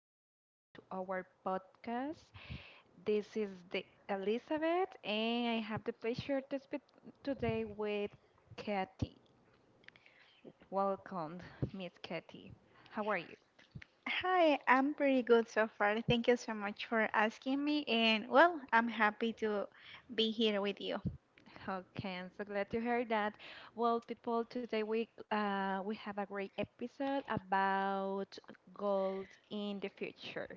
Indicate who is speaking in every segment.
Speaker 1: episode to our podcast. This is the Elizabeth, and I have the pleasure to speak today with Katie. Welcome, Miss Katie. How are you?
Speaker 2: Hi, I'm pretty good so far. Thank you so much for asking me, and well, I'm happy to be here with you.
Speaker 1: Okay, I'm so glad to hear that. Well, people, today we have a great episode about goals in the future.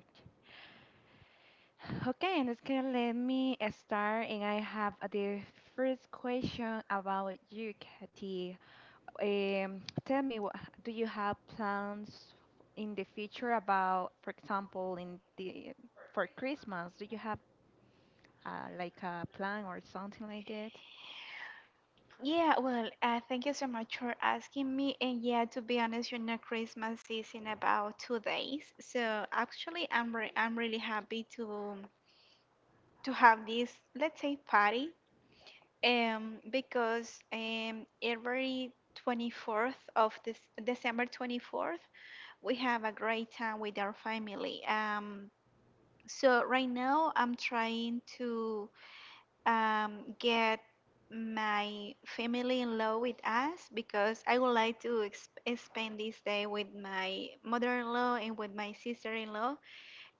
Speaker 1: Okay, and it's gonna let me start, and I have the first question about you, Katie. Tell me, what do you have plans in the future about, for example, in the for Christmas? Do you have like a plan or something like that?
Speaker 2: Yeah, well, thank you so much for asking me. And yeah, to be honest, you know, Christmas is in about 2 days, so actually, I'm really happy to have this, let's say, party, because every 24th of this December 24th, we have a great time with our family. So right now I'm trying to get my family-in-law with us because I would like to spend this day with my mother-in-law and with my sister-in-law,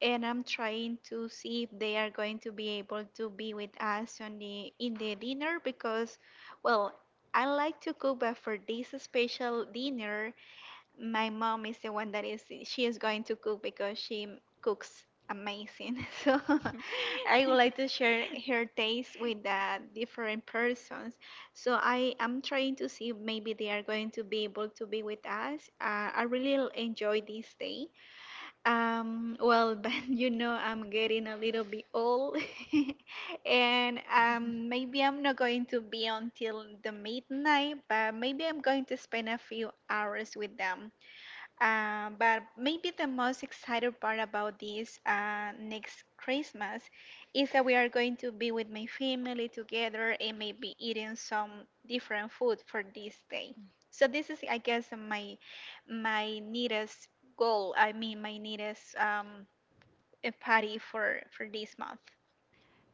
Speaker 2: and I'm trying to see if they are going to be able to be with us on the in the dinner because, well, I like to cook, but for this special dinner, my mom is the one that is going to cook because she cooks amazing. So I would like to share her taste with the different persons, so I am trying to see if maybe they are going to be able to be with us. I really enjoy this day, well. But you know, I'm getting a little bit old. And maybe I'm not going to be until the midnight, but maybe I'm going to spend a few hours with them. But maybe the most exciting part about this next Christmas is that we are going to be with my family together and maybe eating some different food for this day. So this is, I guess, my neatest goal. I mean, my neatest, party for this month.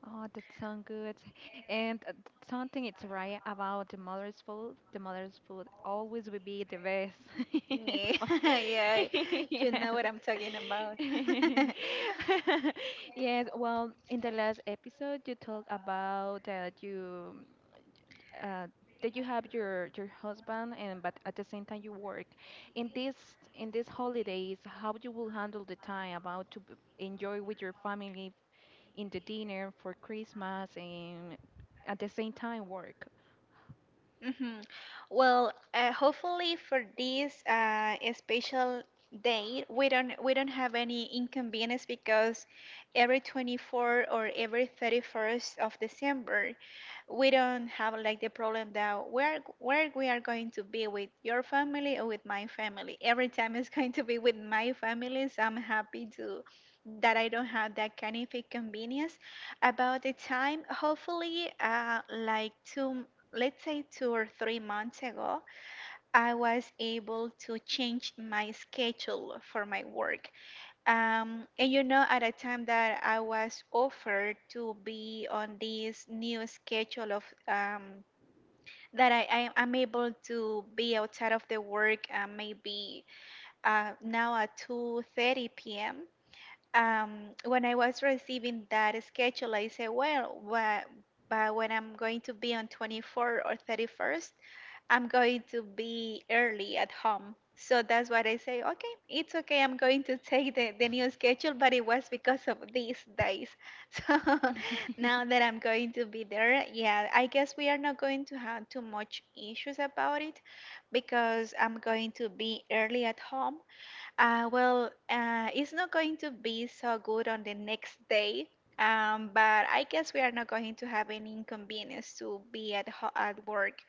Speaker 1: Oh, that sounds good. And something it's right about the mother's food. The mother's food always will be the best.
Speaker 2: Yeah. Yeah, you know
Speaker 1: Yes.
Speaker 2: what I'm talking about.
Speaker 1: Yes. Well, in the last episode, you talked about that uh, you have your husband, and but at the same time you work. In this in these holidays, how you will handle the time about to enjoy with your family in the dinner for Christmas and at the same time work.
Speaker 2: Hmm. Well, hopefully for this special day, we don't have any inconvenience because every 24th or every 31st of December, we don't have like the problem that where we are going to be with your family or with my family. Every time it's going to be with my family, so I'm happy to that I don't have that kind of inconvenience about the time. Hopefully, like two let's say 2 or 3 months ago, I was able to change my schedule for my work. And you know, at a time that I was offered to be on this new schedule of that I am able to be outside of the work, maybe now at 2:30 p.m. Um, when I was receiving that schedule, I said, well, what, but when I'm going to be on 24th or 31st, I'm going to be early at home. So that's what I say, okay, it's okay. I'm going to take the new schedule, but it was because of these days. So now that I'm going to be there, yeah, I guess we are not going to have too much issues about it because I'm going to be early at home. Well, it's not going to be so good on the next day, but I guess we are not going to have any inconvenience to be at work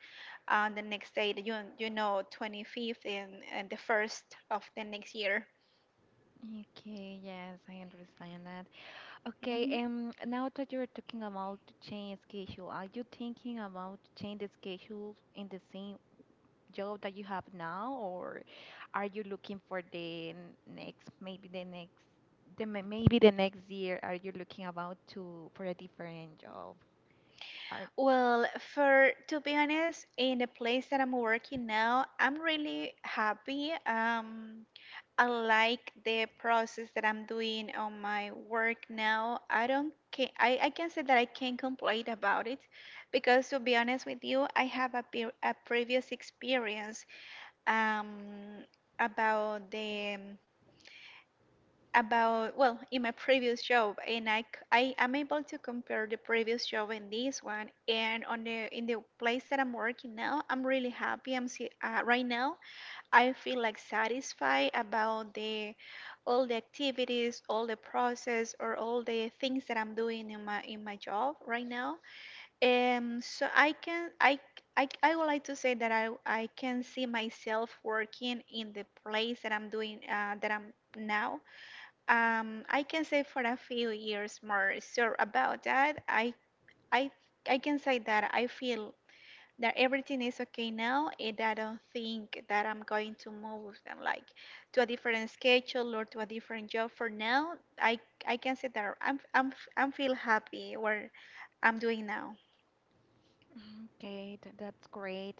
Speaker 2: on the next day, the 25th and the first of the next year.
Speaker 1: Okay, yes, I understand that. Okay,
Speaker 2: Mm-hmm.
Speaker 1: now that you're talking about the change schedule, are you thinking about change the schedule in the same job that you have now, or are you looking for the next, maybe the next, the maybe the next, year, are you looking about to for a different job?
Speaker 2: Well, for to be honest, in the place that I'm working now, I'm really happy. I like the process that I'm doing on my work now. I can say that I can't complain about it because to be honest with you, I have a previous experience um, about the about well, in my previous job, and I am able to compare the previous job and this one, and on the in the place that I'm working now, I'm really happy. Right now I feel like satisfied about the all the activities, all the process, or all the things that I'm doing in my job right now. So I can I would like to say that I can see myself working in the place that I'm now, I can say for a few years more. So about that, I I can say that I feel that everything is okay now, and I don't think that I'm going to move and like to a different schedule or to a different job. For now, I I can say that I'm feel happy where I'm doing now.
Speaker 1: Okay, that's great.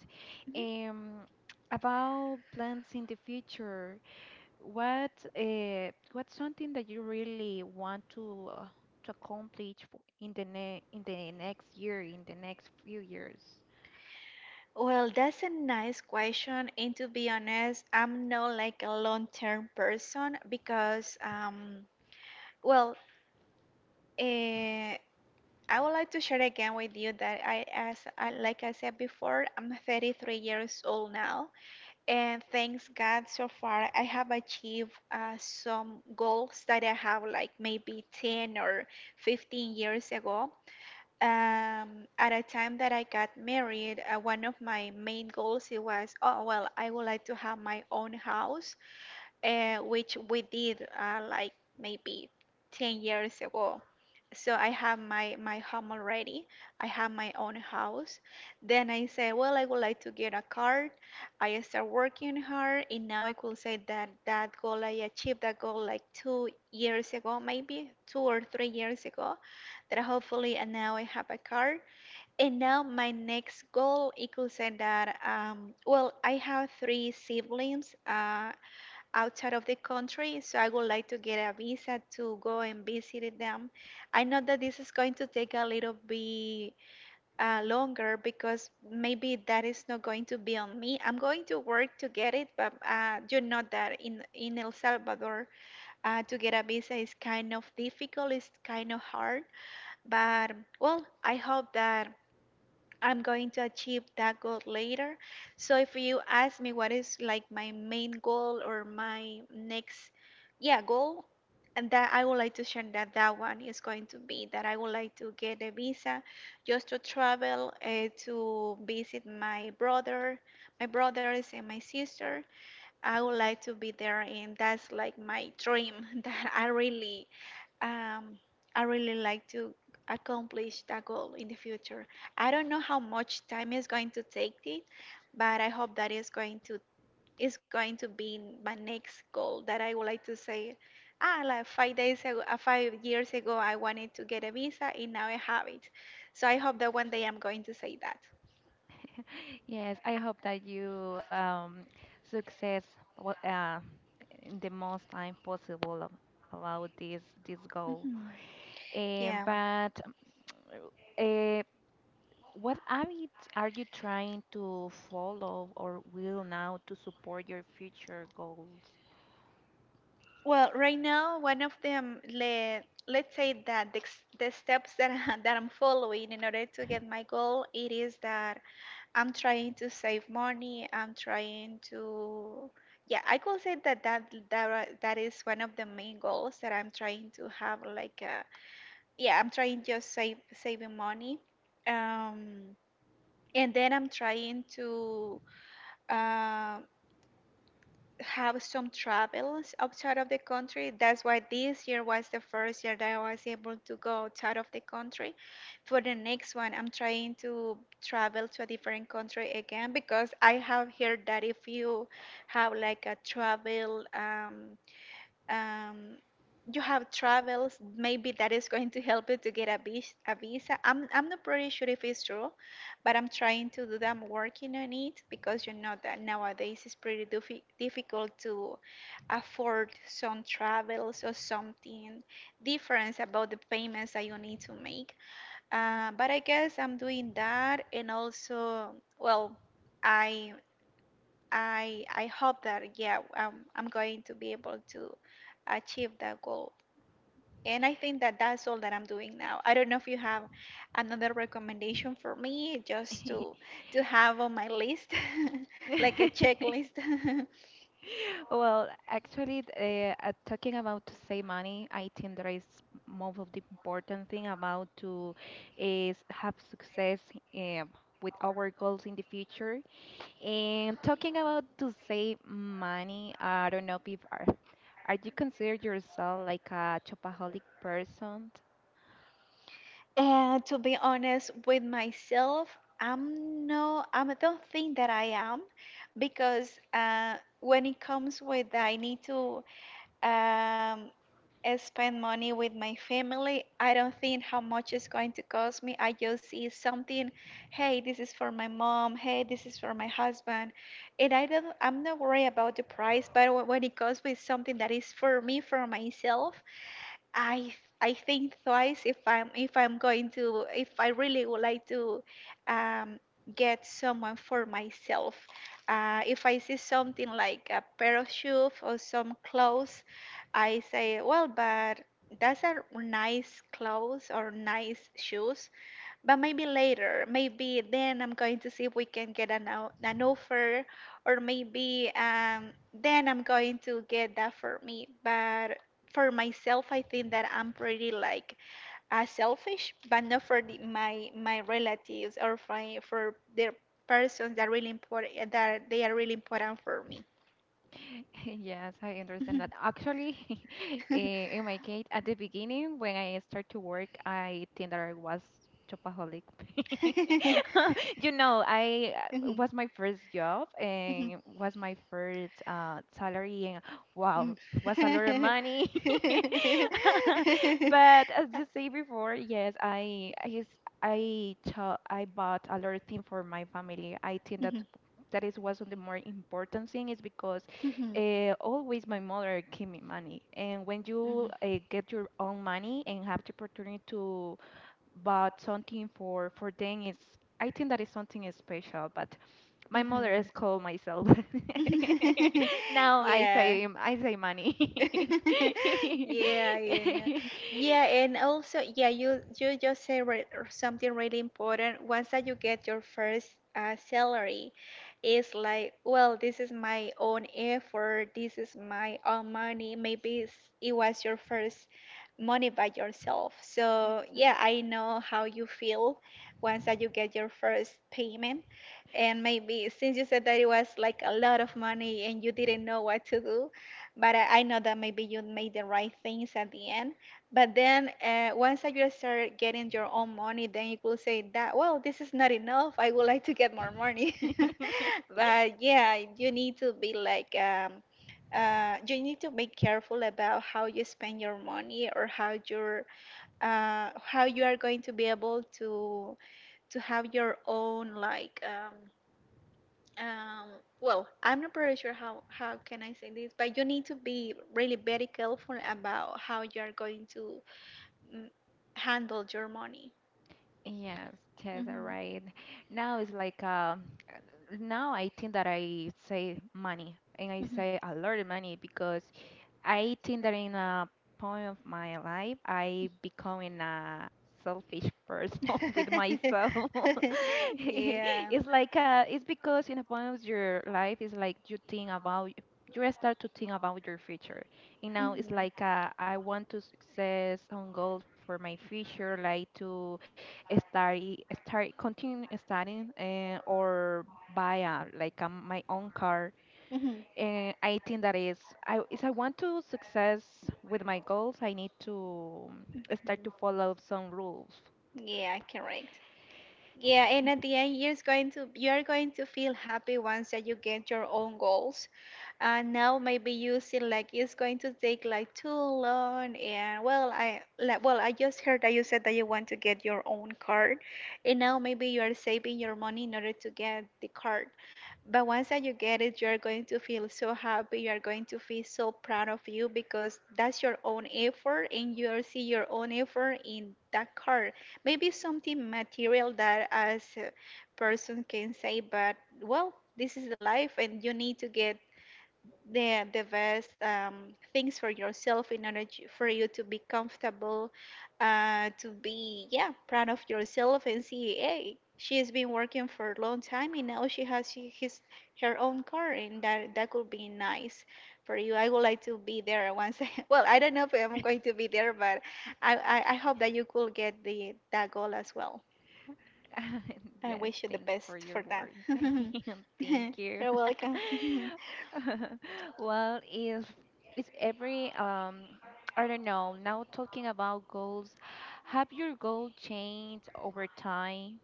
Speaker 2: Mhm.
Speaker 1: Um, about plans in the future, what what's something that you really want to accomplish for in the ne in the next year, in the next few years?
Speaker 2: Well, that's a nice question, and to be honest, I'm not like a long-term person because well. uh, I would like to share again with you that as I, like I said before, I'm 33 years old now, and thanks God, so far I have achieved some goals that I have like maybe 10 or 15 years ago. At a time that I got married, one of my main goals, it was, oh well, I would like to have my own house, which we did like maybe 10 years ago, so I have my home already. I have my own house. Then I say, well, I would like to get a car. I start working hard, and now I could say that that goal I achieved that goal like 2 years ago, maybe 2 or 3 years ago. And now I have a car. And now my next goal, it could say that well, I have three siblings. Outside of the country, so I would like to get a visa to go and visit them. I know that this is going to take a little bit longer because maybe that is not going to be on me. I'm going to work to get it, but you know that in El Salvador, to get a visa is kind of difficult, it's kind of hard. But well, I hope that I'm going to achieve that goal later. So if you ask me what is like my main goal or my next, yeah, goal, and that I would like to share that that one is going to be that I would like to get a visa just to travel, to visit my brother, my brothers and my sister. I would like to be there, and that's like my dream that um, I really like to accomplish that goal in the future. I don't know how much time is going to take it, but I hope that is going to be in my next goal that I would like to say, ah, like 5 days ago, 5 years ago, I wanted to get a visa, and now I have it. So I hope that one day I'm going to say that.
Speaker 1: Yes, I hope that you success what in the most time possible about this goal.
Speaker 2: Hmm. Yeah.
Speaker 1: But um, What habits are you trying to follow or will now to support your future goals?
Speaker 2: Well, right now, one of them, let's say that the steps that I'm following in order to get my goal, it is that I'm trying to save money. I'm trying to, yeah, I could say that that is one of the main goals that I'm trying to have. Like, yeah, I'm trying just saving money. Um, and then I'm trying to, um, have some travels outside of the country. That's why this year was the first year that I was able to go outside of the country. For the next one, I'm trying to travel to a different country again because I have heard that if you have like a travel um, you have travels maybe that is going to help you to get a visa. I'm not pretty sure if it's true, but I'm trying to do that. I'm working on it because you know that nowadays it's pretty difficult to afford some travels or something different about the payments that you need to make, but I guess I'm doing that. And also, well, i I hope that, yeah, I'm going to be able to achieve that goal. And I think that that's all that I'm doing now. I don't know if you have another recommendation for me just to have on my list, like a checklist.
Speaker 1: Well, actually, talking about to save money, I think that is most of the important thing about to is have success um, with our goals in the future. And talking about to save money, I don't know if are you consider yourself like a shopaholic person?
Speaker 2: And to be honest with myself, I do not think that I am because when it comes with I need to um, I spend money with my family. I don't think how much it's going to cost me. I just see something, hey, this is for my mom, hey, this is for my husband. And I'm not worried about the price, but when it comes with something that is for me, for myself, I I think twice if I really would like to um, get someone for myself. If I see something like a pair of shoes or some clothes, I say, well, but that's a nice clothes or nice shoes. But maybe later, maybe then I'm going to see if we can get an offer, or maybe then I'm going to get that for me. But for myself, I think that I'm pretty like selfish, but not for the, my relatives or for their persons that really important that they are really important for me.
Speaker 1: Yes, I understand
Speaker 2: Mhm.
Speaker 1: that. Actually, in my case, at the beginning, when I started to work, I think that I was shopaholic. You know, I
Speaker 2: Mhm.
Speaker 1: was my first job and was my first salary, and wow, it was a lot of
Speaker 2: Mhm.
Speaker 1: money.
Speaker 2: Mhm.
Speaker 1: But as you say before, yes, I s- I, cho- I bought a lot of things for my family. I think that
Speaker 2: Mhm.
Speaker 1: that is what's the more important thing is because
Speaker 2: Mhm.
Speaker 1: always my mother gave me money. And when you
Speaker 2: Mhm.
Speaker 1: get your own money and have the opportunity to buy something for them, is I think that is something special. But my mother is called myself.
Speaker 2: Mhm.
Speaker 1: Now
Speaker 2: Yeah.
Speaker 1: I say money.
Speaker 2: Yeah. Yeah, and also, yeah, you just said re something really important. Once that you get your first salary, it's like, well, this is my own effort. This is my own money. Maybe it was your first money by yourself. So yeah, I know how you feel once that you get your first payment. And maybe since you said that it was like a lot of money and you didn't know what to do, but I know that maybe you made the right things at the end. But then once that you start getting your own money, then you will say that, well, this is not enough. I would like to get more money. But yeah, you need to be like, you need to be careful about how you spend your money or how you are going to be able to have your own like. Um, well, I'm not pretty sure how can I say this, but you need to be really very careful about how you are going to mm, handle your money.
Speaker 1: Yes, yes, all
Speaker 2: Hmm,
Speaker 1: right. Now it's like now I think that I say money and I
Speaker 2: hmm.
Speaker 1: say a lot of money because I think that in a point of my life, I becoming a selfish person with myself.
Speaker 2: Yeah.
Speaker 1: It's like it's because in a point of your life, it's like you think about you start to think about your future. You know, it's
Speaker 2: Hmm,
Speaker 1: like I want to success on goal for my future, like to study, start continue studying, or buy a like a, my own car
Speaker 2: hmm.
Speaker 1: and I think that is, I, if I want to success with my goals, I need to start
Speaker 2: Mhm.
Speaker 1: to follow some rules.
Speaker 2: Yeah, correct. Yeah, and at the end, you're going to feel happy once that you get your own goals. Now maybe you see like it's going to take like too long. And well, I like well I just heard that you said that you want to get your own card, and now maybe you are saving your money in order to get the card. But once that you get it, you are going to feel so happy. You are going to feel so proud of you because that's your own effort, and you'll see your own effort in that card, maybe something material that as a person can say. But well, this is the life, and you need to get the best things for yourself in order for you to be comfortable, to be, yeah, proud of yourself and see, hey, she has been working for a long time, and now she has she, his her own car. And that could be nice for you. I would like to be there once well, I don't know if I'm going to be there. But I hope that you could get the that goal as well. I
Speaker 1: Yes,
Speaker 2: wish you the
Speaker 1: thank you for
Speaker 2: best
Speaker 1: your
Speaker 2: for that.
Speaker 1: words. Thank you.
Speaker 2: You're welcome.
Speaker 1: Well, if is every I don't know, now talking about goals, have your goal changed over time?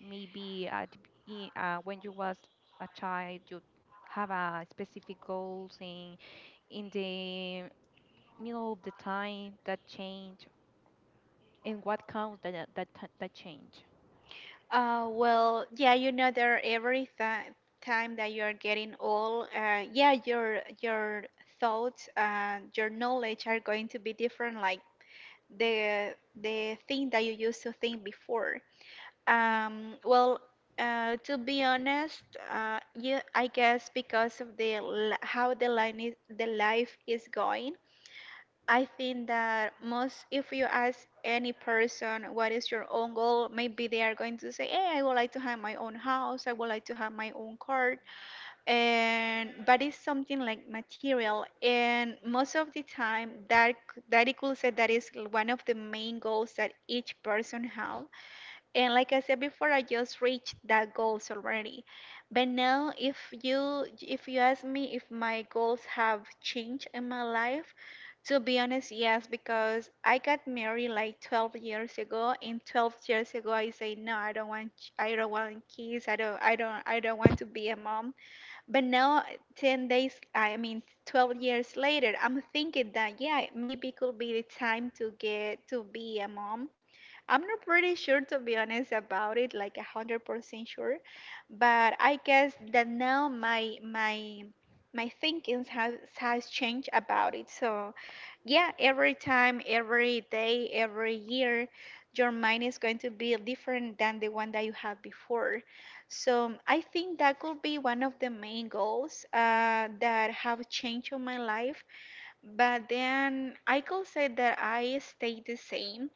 Speaker 1: Maybe at the begin, when you was a child, you have a specific goals, and in the middle of the time that change, and what counts that change.
Speaker 2: Well, yeah, there every th time that you are getting old, yeah, your thoughts and your knowledge are going to be different, like the thing that you used to think before. Um, well, to be honest, yeah, I guess because of how the line is, the life is going. I think that most, if you ask any person what is your own goal, maybe they are going to say, "Hey, I would like to have my own house. I would like to have my own car." And but it's something like material, and most of the time, that equal said that is one of the main goals that each person have. And like I said before, I just reached that goals already. But now if you ask me if my goals have changed in my life, to be honest, yes, because I got married like 12 years ago, and 12 years ago I say no, I don't want kids, I don't want to be a mom. But now 10 days, I mean 12 years later, I'm thinking that yeah, maybe it could be the time to get to be a mom. I'm not pretty sure, to be honest, about it, like 100% sure, but I guess that now my thinkings has changed about it. So yeah, every time, every day, every year, your mind is going to be different than the one that you had before. So I think that could be one of the main goals that have changed on my life. But then I could say that I stay the same.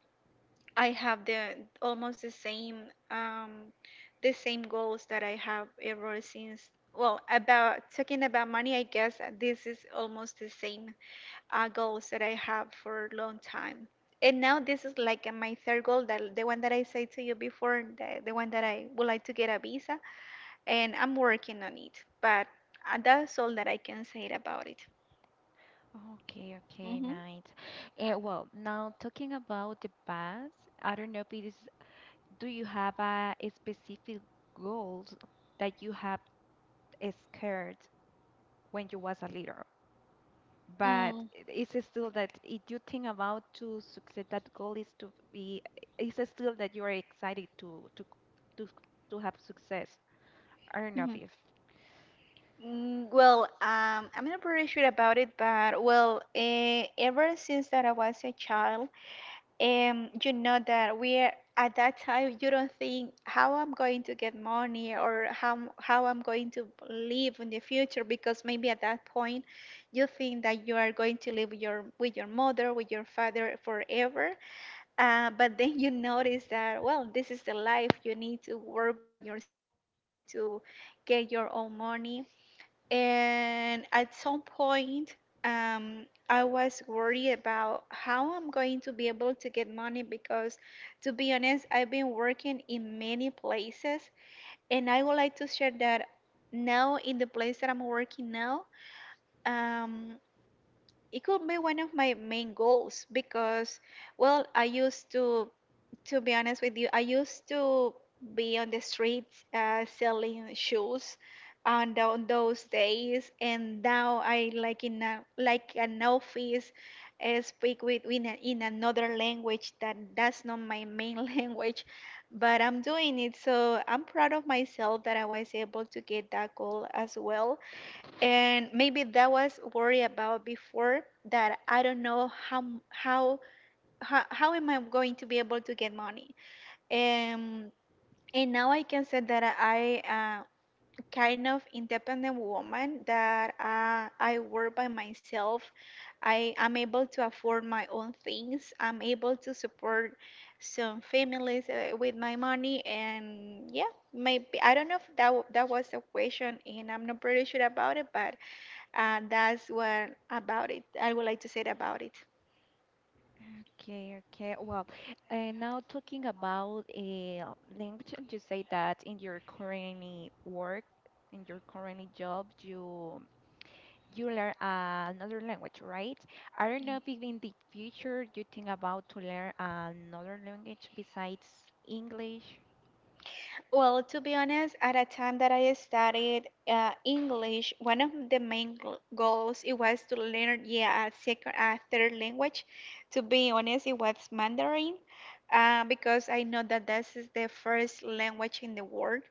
Speaker 2: I have the almost the same, the same goals that I have ever since. Well, about talking about money, I guess this is almost the same goals that I have for a long time. And now this is like my third goal, that the one that I said to you before, the one that I would like to get a visa, and I'm working on it. But that's all that I can say about it.
Speaker 1: Okay, okay, nice. Well, now talking about the past, I don't know if it is, do you have a specific goals that you have scared when you was a little? But
Speaker 2: Mm-hmm.
Speaker 1: it's still that if you think about to succeed that goal is to be it's still that you are excited to to to have success. I don't know
Speaker 2: Mm.
Speaker 1: if
Speaker 2: Well, I'm not pretty sure about it, but well, ever since that I was a child, you know that we are at that time you don't think how I'm going to get money or how I'm going to live in the future, because maybe at that point you think that you are going to live your with your mother, with your father forever, but then you notice that, well, this is the life, you need to work by yourself, you need to get your own money. And at some point, I was worried about how I'm going to be able to get money because, to be honest, I've been working in many places. And I would like to share that now, in the place that I'm working now, um, it could be one of my main goals because, well, I used to be honest with you, I used to be on the streets selling shoes on those days, and now I like like an office, speak in another language that that's not my main language, but I'm doing it. So I'm proud of myself that I was able to get that goal as well. And maybe that was worry about before that I don't know how m- how am I going to be able to get money? Um, and now I can say that I kind of independent woman that I work by myself. I am able to afford my own things. I'm able to support some families with my money, and yeah, maybe I don't know if that was a question, and I'm not pretty sure about it, but that's what about it I would like to say about it.
Speaker 1: okay, okay. Well, and now talking about a language, you say that in your current work in your current job you learn another language, right? I don't know if in the future you think about to learn another language besides English.
Speaker 2: Well, to be honest, at a time that I studied English, one of the main goals it was to learn, yeah, a second, a third language. To be honest, it was Mandarin, because I know that this is the first language in the world.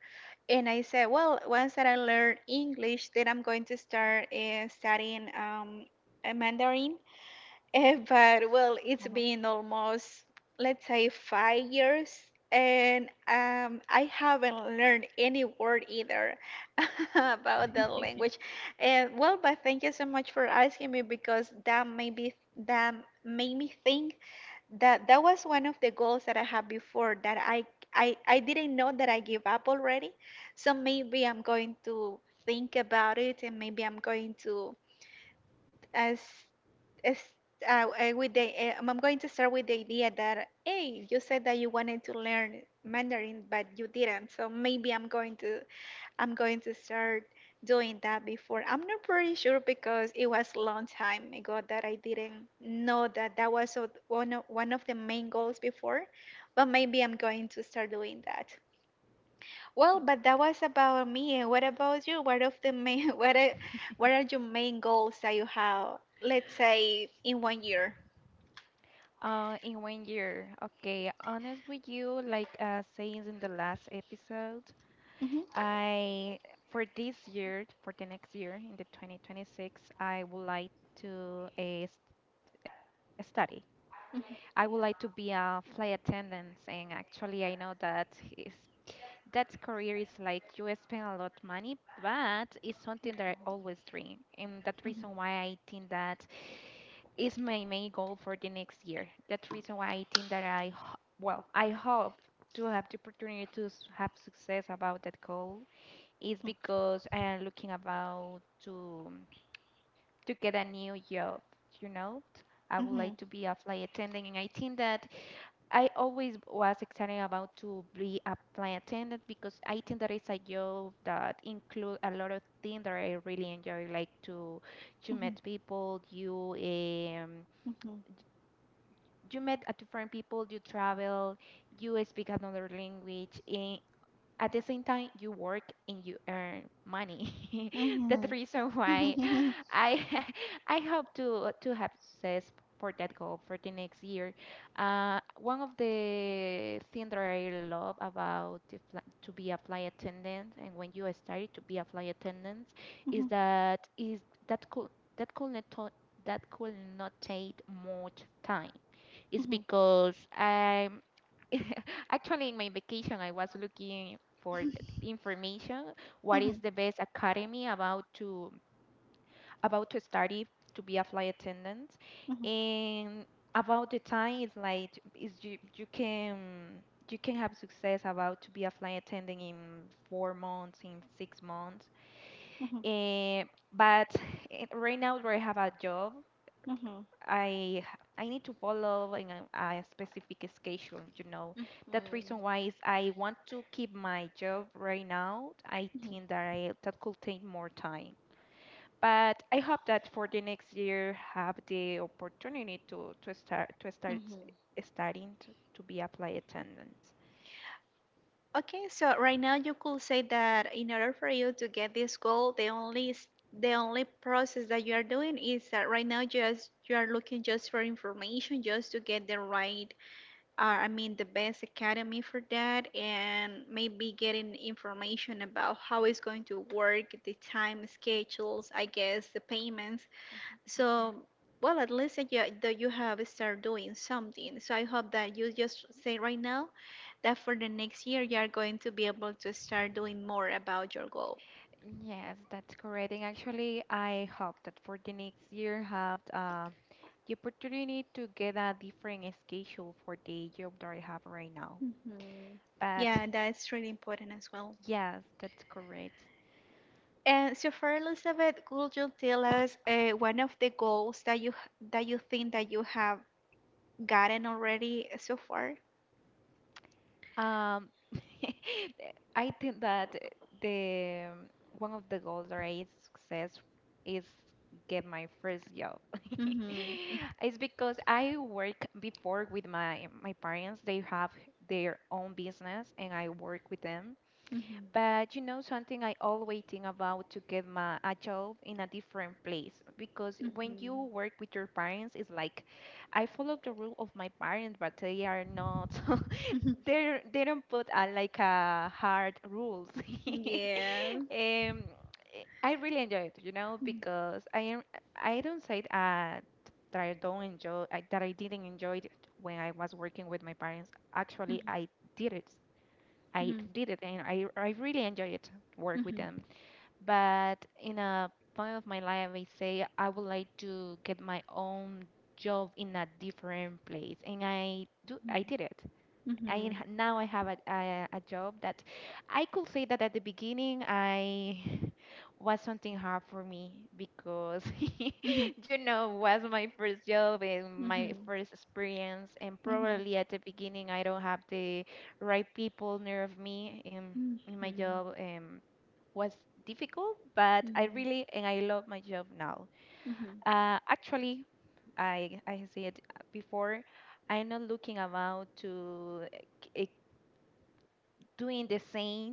Speaker 2: And I said, well, once that I learn English, then I'm going to start studying Mandarin. But well, it's
Speaker 1: Uh-huh.
Speaker 2: been almost, let's say, 5 years, and I haven't learned any word either about the language. And well, but thank you so much for asking me, because that made me think that that was one of the goals that I had before that I didn't know that I gave up already. So maybe I'm going to think about it, and maybe I'm going to as it's, with the, I'm going to start with the idea that, hey, you said that you wanted to learn Mandarin, but you didn't. So maybe I'm going to start doing that before. I'm not pretty sure because it was a long time ago that I didn't know that that was one of the main goals before. But maybe I'm going to start doing that. Well, but that was about me. What about you? What of the main, what are your main goals that you have? Let's say in one year.
Speaker 1: In 1 year, okay. Honest with you, like saying in the last episode,
Speaker 2: Mhm.
Speaker 1: I for this year, for the next year in the 2026, I would like to study. I would
Speaker 2: Mhm.
Speaker 1: like to be a flight attendant, and actually, I know that is that career is like you spend a lot of money, but it's something that I always dream, and that reason why I think that is my main goal for the next year. That's reason why I think that well, I hope to have the opportunity to have success about that goal is because I am looking about to get a new job. You know, I would like
Speaker 2: Mhm.
Speaker 1: to be a flight attendant, and I think that I always was excited about to be a flight attendant because I think that it's a job that include a lot of things that I really enjoy, like to
Speaker 2: Mhm.
Speaker 1: meet people, you you met a different people, you travel, you speak another language, and at the same time you work and you earn money.
Speaker 2: Mhm.
Speaker 1: That's the
Speaker 2: Mhm.
Speaker 1: reason
Speaker 2: Mhm.
Speaker 1: why
Speaker 2: Mhm. Mhm.
Speaker 1: I I hope to have success for that goal for the next year. One of the things that I love about the to be a flight attendant and when you started to be a flight attendant is that could that could not to- that could not take much time is
Speaker 2: Mhm.
Speaker 1: because I'm actually in my vacation I was looking for information what is
Speaker 2: Mhm.
Speaker 1: the best academy about to study to be a flight attendant and about the time is like is you you can have success about to be a flight attendant in 4 months in 6 months
Speaker 2: Mhm.
Speaker 1: and but right now where I have a job
Speaker 2: Mhm. Mhm.
Speaker 1: I h- I need to follow in a specific schedule, you know.
Speaker 2: Mhm.
Speaker 1: That reason why is I want to keep my job right now. I think that I that could take more time. But I hope that for the next year have the opportunity to start
Speaker 2: Mm-hmm.
Speaker 1: studying to be applied attendant.
Speaker 2: Okay, so right now you could say that in order for you to get this goal, the only the only process that you are doing is that right now just you are looking just for information, just to get the right, I mean the best academy for that, and maybe getting information about how it's going to work, the time schedules, I guess the payments.
Speaker 1: Mhm.
Speaker 2: So, well, at least that you have started doing something. So I hope that you just say right now that for the next year you are going to be able to start doing more about your goal.
Speaker 1: Yes, that's correct. And actually, I hope that for the next year have the opportunity to get a different schedule for the job that I have right now.
Speaker 2: Mhm.
Speaker 1: But
Speaker 2: Yeah, that's really important as well.
Speaker 1: yes, that's correct.
Speaker 2: And so, for Elizabeth, could you tell us one of the goals that you think that you have gotten already so far?
Speaker 1: Um, I think that the one of the goals that I success is get my first job.
Speaker 2: Mm-hmm.
Speaker 1: It's because I work before with my parents. They have their own business, and I work with them.
Speaker 2: Mm-hmm.
Speaker 1: But you know, something I always think about to get my a job in a different place because when you
Speaker 2: Mm-hmm.
Speaker 1: work with your parents, it's like I follow the rule of my parents, but they are not. They don't put a, like a hard rules.
Speaker 2: Yeah.
Speaker 1: um, I really enjoy it, you know,
Speaker 2: Mm-hmm.
Speaker 1: because I am. I don't say that I don't enjoy I, that I didn't enjoy it when I was working with my parents. Actually, I did it. I really enjoy it work with
Speaker 2: Mm-hmm.
Speaker 1: them. But in a point of my life I say I would like to get my own job in a different place and I did it.
Speaker 2: Mhm. Mhm.
Speaker 1: Now I have a job that I could say that at the beginning I was something hard for me because
Speaker 2: Mhm. Mhm.
Speaker 1: you know was my first job and my
Speaker 2: Mhm.
Speaker 1: first experience and
Speaker 2: Mhm. Mhm. Mhm.
Speaker 1: probably at the beginning I don't have the right people near of me in my job. Was difficult but I
Speaker 2: Mhm.
Speaker 1: really and I love my job now. Actually I said before I'm not looking about to eh, doing the same,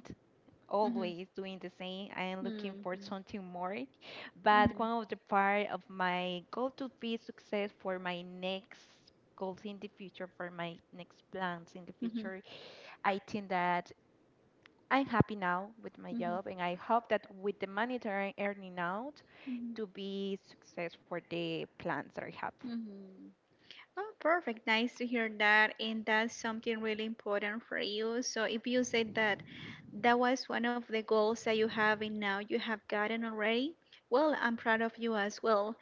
Speaker 2: Mhm.
Speaker 1: always doing the same. I am looking for something more. But one of the part of my goal to be success for my next goals in the future, for my next plans in the
Speaker 2: Mhm. Mhm.
Speaker 1: future, I think that I'm happy now with my
Speaker 2: Mhm.
Speaker 1: job, and I hope that with the money that I'm earning out,
Speaker 2: Mhm.
Speaker 1: to be success for the plans that I have.
Speaker 2: Mm-hmm. Oh, perfect. Nice to hear that. And that's something really important for you. So if you said that that was one of the goals that you have and now you have gotten already, well, I'm proud of you as well.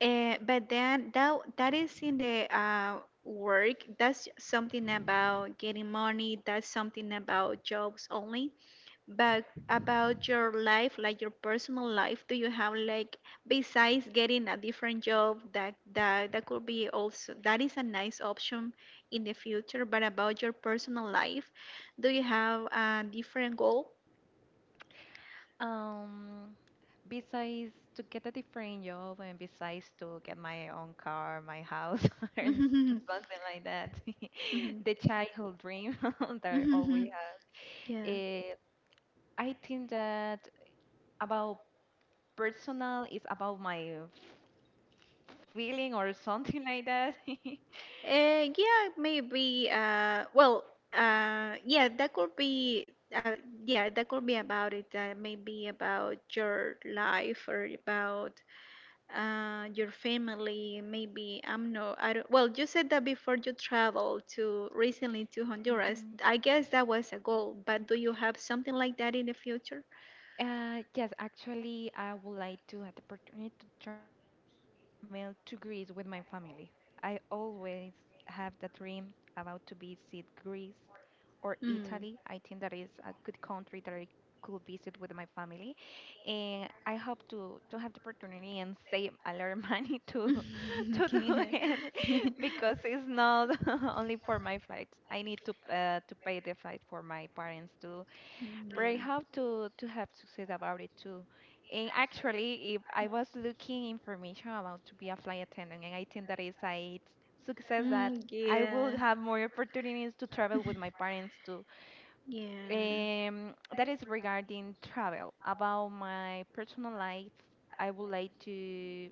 Speaker 2: But then that is in the work. That's something about getting money. That's something about jobs only. But about your life, like your personal life, do you have like besides getting a different job that that could be also, that is a nice option in the future, but about your personal life, do you have a different goal?
Speaker 1: Um, Besides to get a different job and besides to get my own car, my house, and
Speaker 2: Mhm.
Speaker 1: something like that,
Speaker 2: Mhm.
Speaker 1: the childhood dream that I always
Speaker 2: Mhm.
Speaker 1: had.
Speaker 2: Yeah.
Speaker 1: Eh, I think that about personal is about my feeling or something like that.
Speaker 2: Yeah, maybe. Well, yeah, that could be. Yeah, that could be about it. Maybe about your life or about your family. Maybe I'm no. I don't, well, You said that before you traveled to recently to Honduras.
Speaker 1: Mhm.
Speaker 2: I guess that was a goal. But do you have something like that in the future?
Speaker 1: Yes, actually, I would like to have the opportunity to travel to Greece with my family. I always have the dream about to visit Greece or Italy. I
Speaker 2: Mm.
Speaker 1: think that is a good country that I could visit with my family, and I hope to have the opportunity and save a lot of money to to do it because it's not only for my flight. I need to pay the flight for my parents too. Very hard to have success about it too. And actually, if I was looking information about to be a flight attendant, and I think that is a success that I will have more opportunities to travel with my parents too.
Speaker 2: Yeah.
Speaker 1: That is regarding travel. About my personal life, I would like to.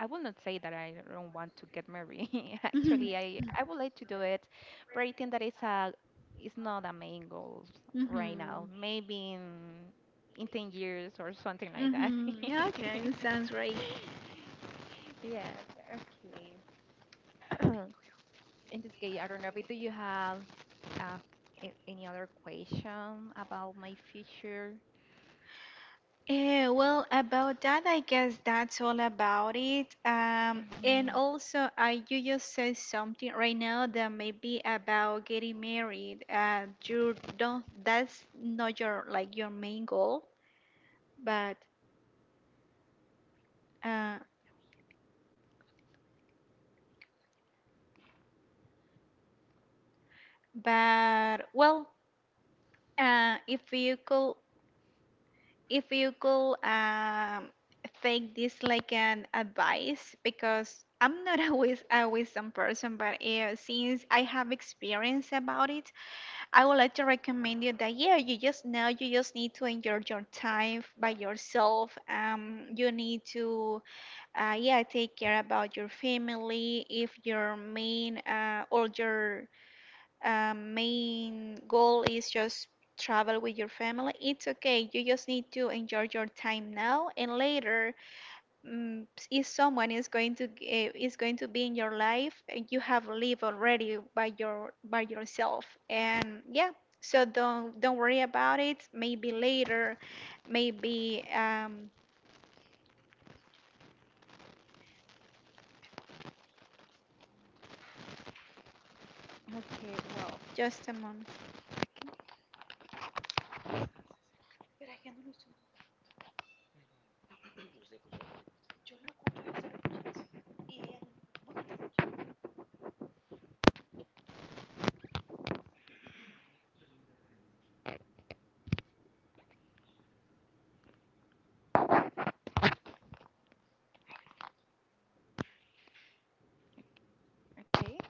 Speaker 1: I will not say that I don't want to get married.
Speaker 2: Mhm.
Speaker 1: Actually, I would like to do it, but I think that it's not a main goal right now.
Speaker 2: Mhm.
Speaker 1: Maybe in 10 years or something like that.
Speaker 2: Mm-hmm. Okay, sounds right.
Speaker 1: Yes, okay. In this case, I don't know, but do you have uh, any other question about my future?
Speaker 2: Yeah, well, about that, I guess that's all about it. And
Speaker 1: Mhm.
Speaker 2: also, I you just said something right now that maybe about getting married. You don't. That's not your like your main goal, but Uh, but well, if you could, if you could um, take this like an advice, because I'm not a wisdom person, but since I have experience about it, I would like to recommend you that yeah, you just need to enjoy your time by yourself. You need to yeah, take care about your family. If your main or your main goal is just travel with your family, it's okay. You just need to enjoy your time now, and later, mm, if someone is going to is going to be in your life and you have lived already by your by yourself, and yeah, so don't worry about it. Maybe later, maybe
Speaker 1: Okay, well,
Speaker 2: just a moment.
Speaker 1: okay. Okay.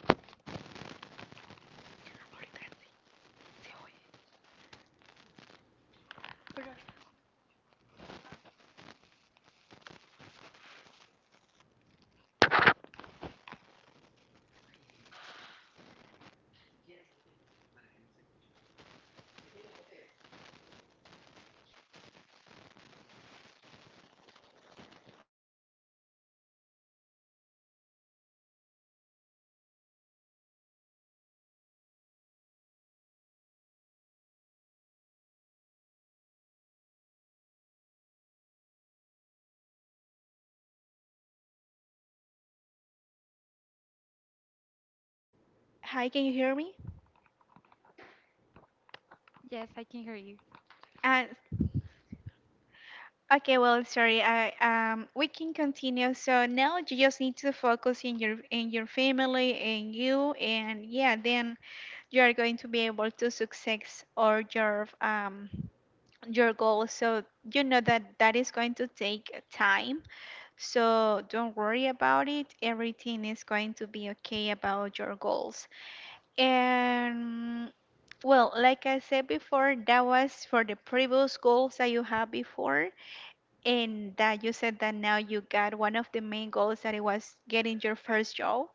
Speaker 2: Hi, can you hear me?
Speaker 1: Yes, I can hear you.
Speaker 2: And okay, well, sorry. I We can continue. So now you just need to focus in your family and you, and yeah, then you are going to be able to success or your goal. So you know that that is going to take time. So don't worry about it. Everything is going to be okay about your goals. And well, like I said before, that was for the previous goals that you had before and that you said that now you got one of the main goals that it was getting your first job,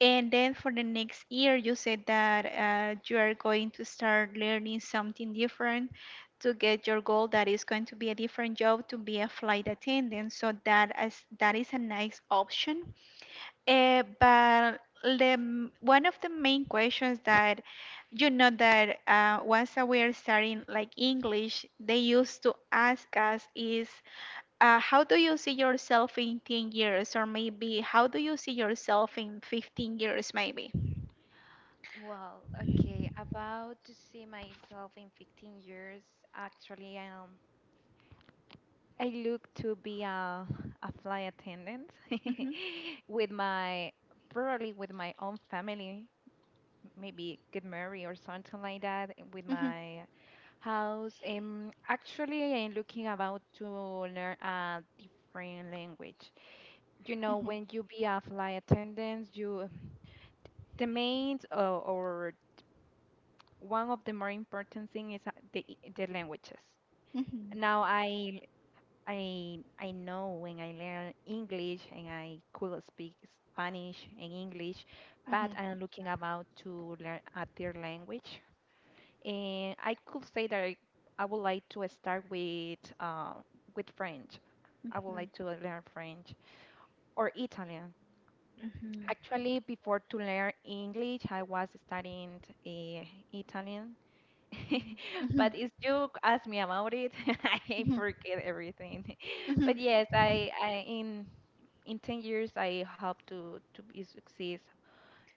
Speaker 2: and then for the next year you said that you are going to start learning something different to get your goal that is going to be a different job, to be a flight attendant. So that, as that is a nice option, but one of the main questions that you know that once that we are starting like English, they used to ask us is, how do you see yourself in 10 years? Or maybe, how do you see yourself in 15 years maybe?
Speaker 1: Well, okay, about to see myself in 15 years, actually, I look to be a flight attendant
Speaker 2: Hmm,
Speaker 1: with my, probably with my own family, maybe get married or something like that, and with
Speaker 2: hmm,
Speaker 1: my house. Actually, I'm looking about to learn a different language.
Speaker 2: hmm.
Speaker 1: When you be a flight attendant, the main or one of the more important thing is the languages.
Speaker 2: Mhm.
Speaker 1: Now I know when I learn English and I could speak Spanish and English, but I'm looking about to learn a third language. And I could say that I would like to start with with French. I would
Speaker 2: Mhm.
Speaker 1: like to learn French or Italian.
Speaker 2: Mhm. Mhm.
Speaker 1: Actually, before to learn English, I was studying uh, Italian
Speaker 2: Mhm.
Speaker 1: but if you ask me about it, I
Speaker 2: Mhm.
Speaker 1: forget everything. But
Speaker 2: Mhm.
Speaker 1: yes, I in 10 years I hope to be success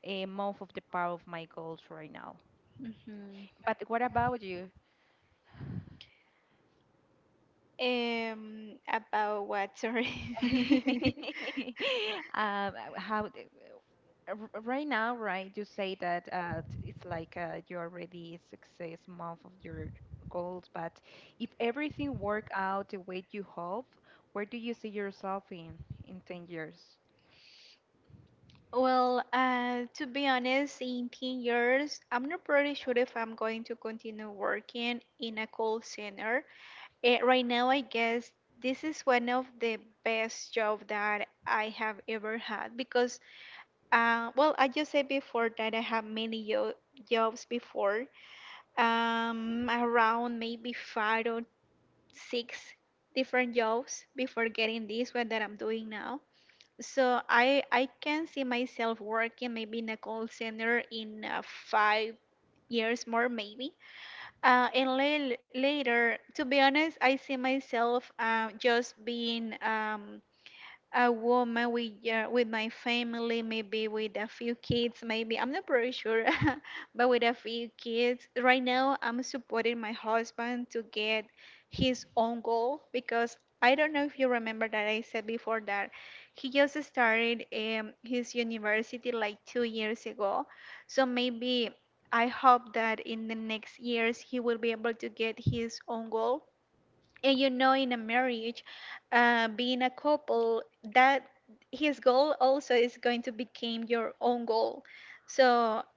Speaker 1: a month of the power of my goals right now.
Speaker 2: Mm-hmm.
Speaker 1: But what about you?
Speaker 2: About what? Sorry.
Speaker 1: How? Right now, right, you say that it's like you already success month of your goals, but if everything work out the way you hope, where do you see yourself in 10 years?
Speaker 2: Well, to be honest, in 10 years, I'm not pretty sure if I'm going to continue working in a call center. Right now, I guess this is one of the best job that I have ever had because, well, I just said before that I have many jobs before, around maybe five or six different jobs before getting this one that I'm doing now. So I can see myself working maybe in a call center in 5 years more maybe. And later, to be honest, I see myself just being a woman with with my family, maybe with a few kids, maybe I'm not very sure, but with a few kids. Right now, I'm supporting my husband to get his own goal, because I don't know if you remember that I said before that he just started his university like 2 years ago, so maybe. I hope that in the next years he will be able to get his own goal, and you know in a marriage, being a couple, that his goal also is going to become your own goal. So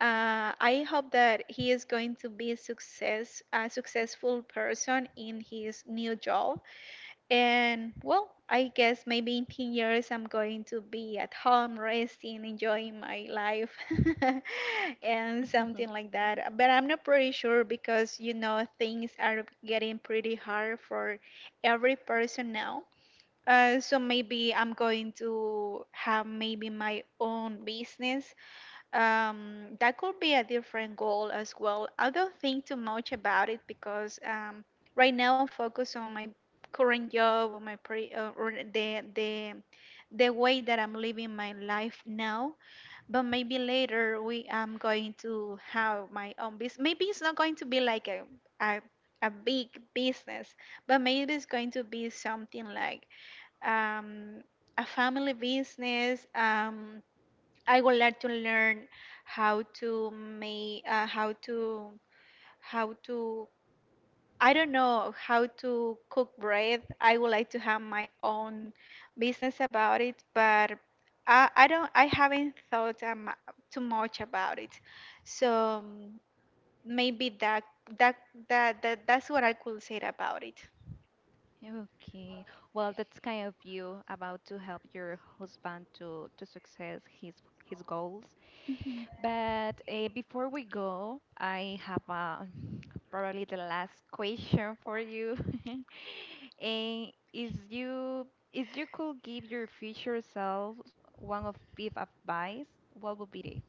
Speaker 2: I hope that he is going to be a successful person in his new job. And well, I guess maybe in 10 years I'm going to be at home resting, enjoying my life and something like that. But I'm not pretty sure, because you know things are getting pretty hard for every person now. So maybe I'm going to have maybe my own business, that could be a different goal as well. I don't think too much about it because right now I'm focused on my current job, or my pre or the way that I'm living my life now. But maybe later we I'm going to have my own business. Maybe it's not going to be like a a big business, but maybe it's going to be something like um, a family business. I would like to learn how to make how to, I don't know, how to cook bread. I would like to have my own business about it, but I don't, I haven't thought too much about it. So maybe that that's what I could say about it.
Speaker 1: Okay. Well, that's kind of you about to help your husband to success his goals.
Speaker 2: Mhm.
Speaker 1: But before we go, I have probably the last question for you. And is you if you could give your future self one of piece of advice, what would be it?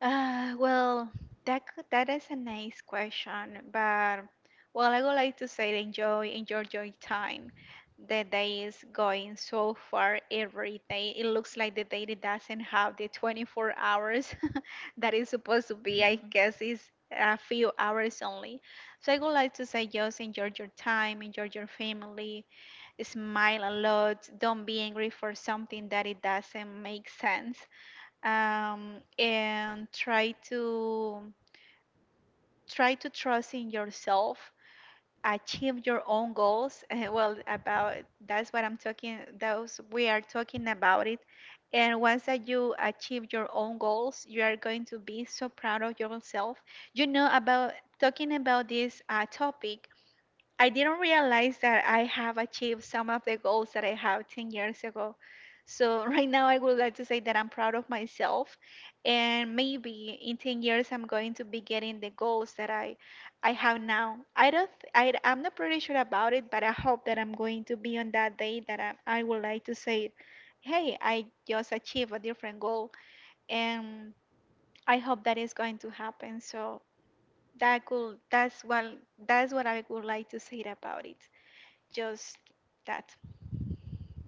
Speaker 2: Well, that is a nice question, but well, I would like to say, enjoy your time. The day is going so far every day. It looks like the day that doesn't have the 24 hours that is supposed to be. I guess is a few hours only. So I would like to say, just enjoy your time, enjoy your family, smile a lot. Don't be angry for something that it doesn't make sense, and try to trust in yourself, achieve your own goals. and well, about that's what I'm talking, those we are talking about it. And once that you achieve your own goals, you are going to be so proud of yourself. You know, about talking about this topic, I didn't realize that I have achieved some of the goals that I have 10 years ago. So, right now, I would like to say that I'm proud of myself. And maybe in 10 years, I'm going to be getting the goals that I have now. I don't, th- I, I'm not pretty sure about it, but I hope that I'm going to be on that day that I would like to say, hey, I just achieved a different goal. And I hope that is going to happen. So, that could, that's what, that's what I would like to say about it, just that.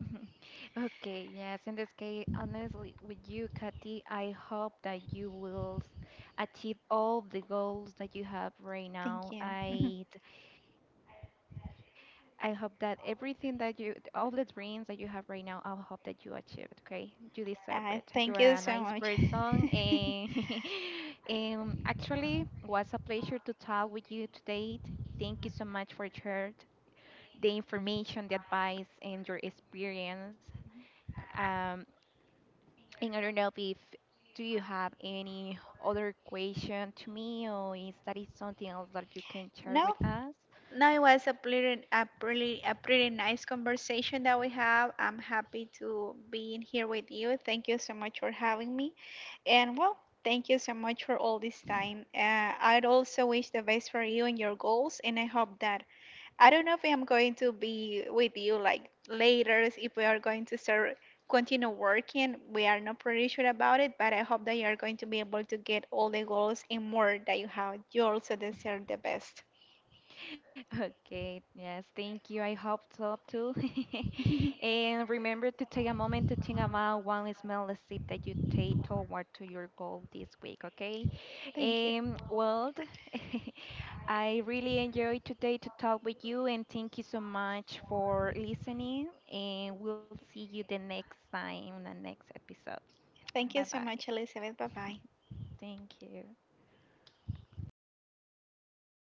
Speaker 1: Mhm, mhm. Okay, yes, in this case, honestly, with you, Katy, I hope that you will achieve all the goals that you have right
Speaker 2: Thank
Speaker 1: now.
Speaker 2: you.
Speaker 1: I hope that everything that you, all the dreams that you have right now, I hope that you achieve it, okay? You deserve it. You are a nice
Speaker 2: Thank you so
Speaker 1: person.
Speaker 2: much.
Speaker 1: And actually, was a pleasure to talk with you today. Thank you so much for sharing the information, the advice, and your experience. Um, and I don't know if do you have any other question to me, or is that is something else that you can share
Speaker 2: no,
Speaker 1: with us?
Speaker 2: no, it was a pretty, a pretty nice conversation that we have. I'm happy to be in here with you. Thank you so much for having me. And well, thank you so much for all this time. I'd also wish the best for you and your goals, and I hope that, I don't know if I'm going to be with you like later, if we are going to start continue working. We are not pretty sure about it, but I hope that you are going to be able to get all the goals and more that you have. You also deserve the best.
Speaker 1: Okay, yes, thank you. I hope so too. And remember to take a moment to think about one small step that you take toward to your goal this week, okay?
Speaker 2: Thank you.
Speaker 1: Well, I really enjoyed today to talk with you and thank you so much for listening and we'll see you the next time in the next episode. Bye
Speaker 2: Thank you so
Speaker 1: bye.
Speaker 2: much, Elizabeth. Bye bye.
Speaker 1: Thank you.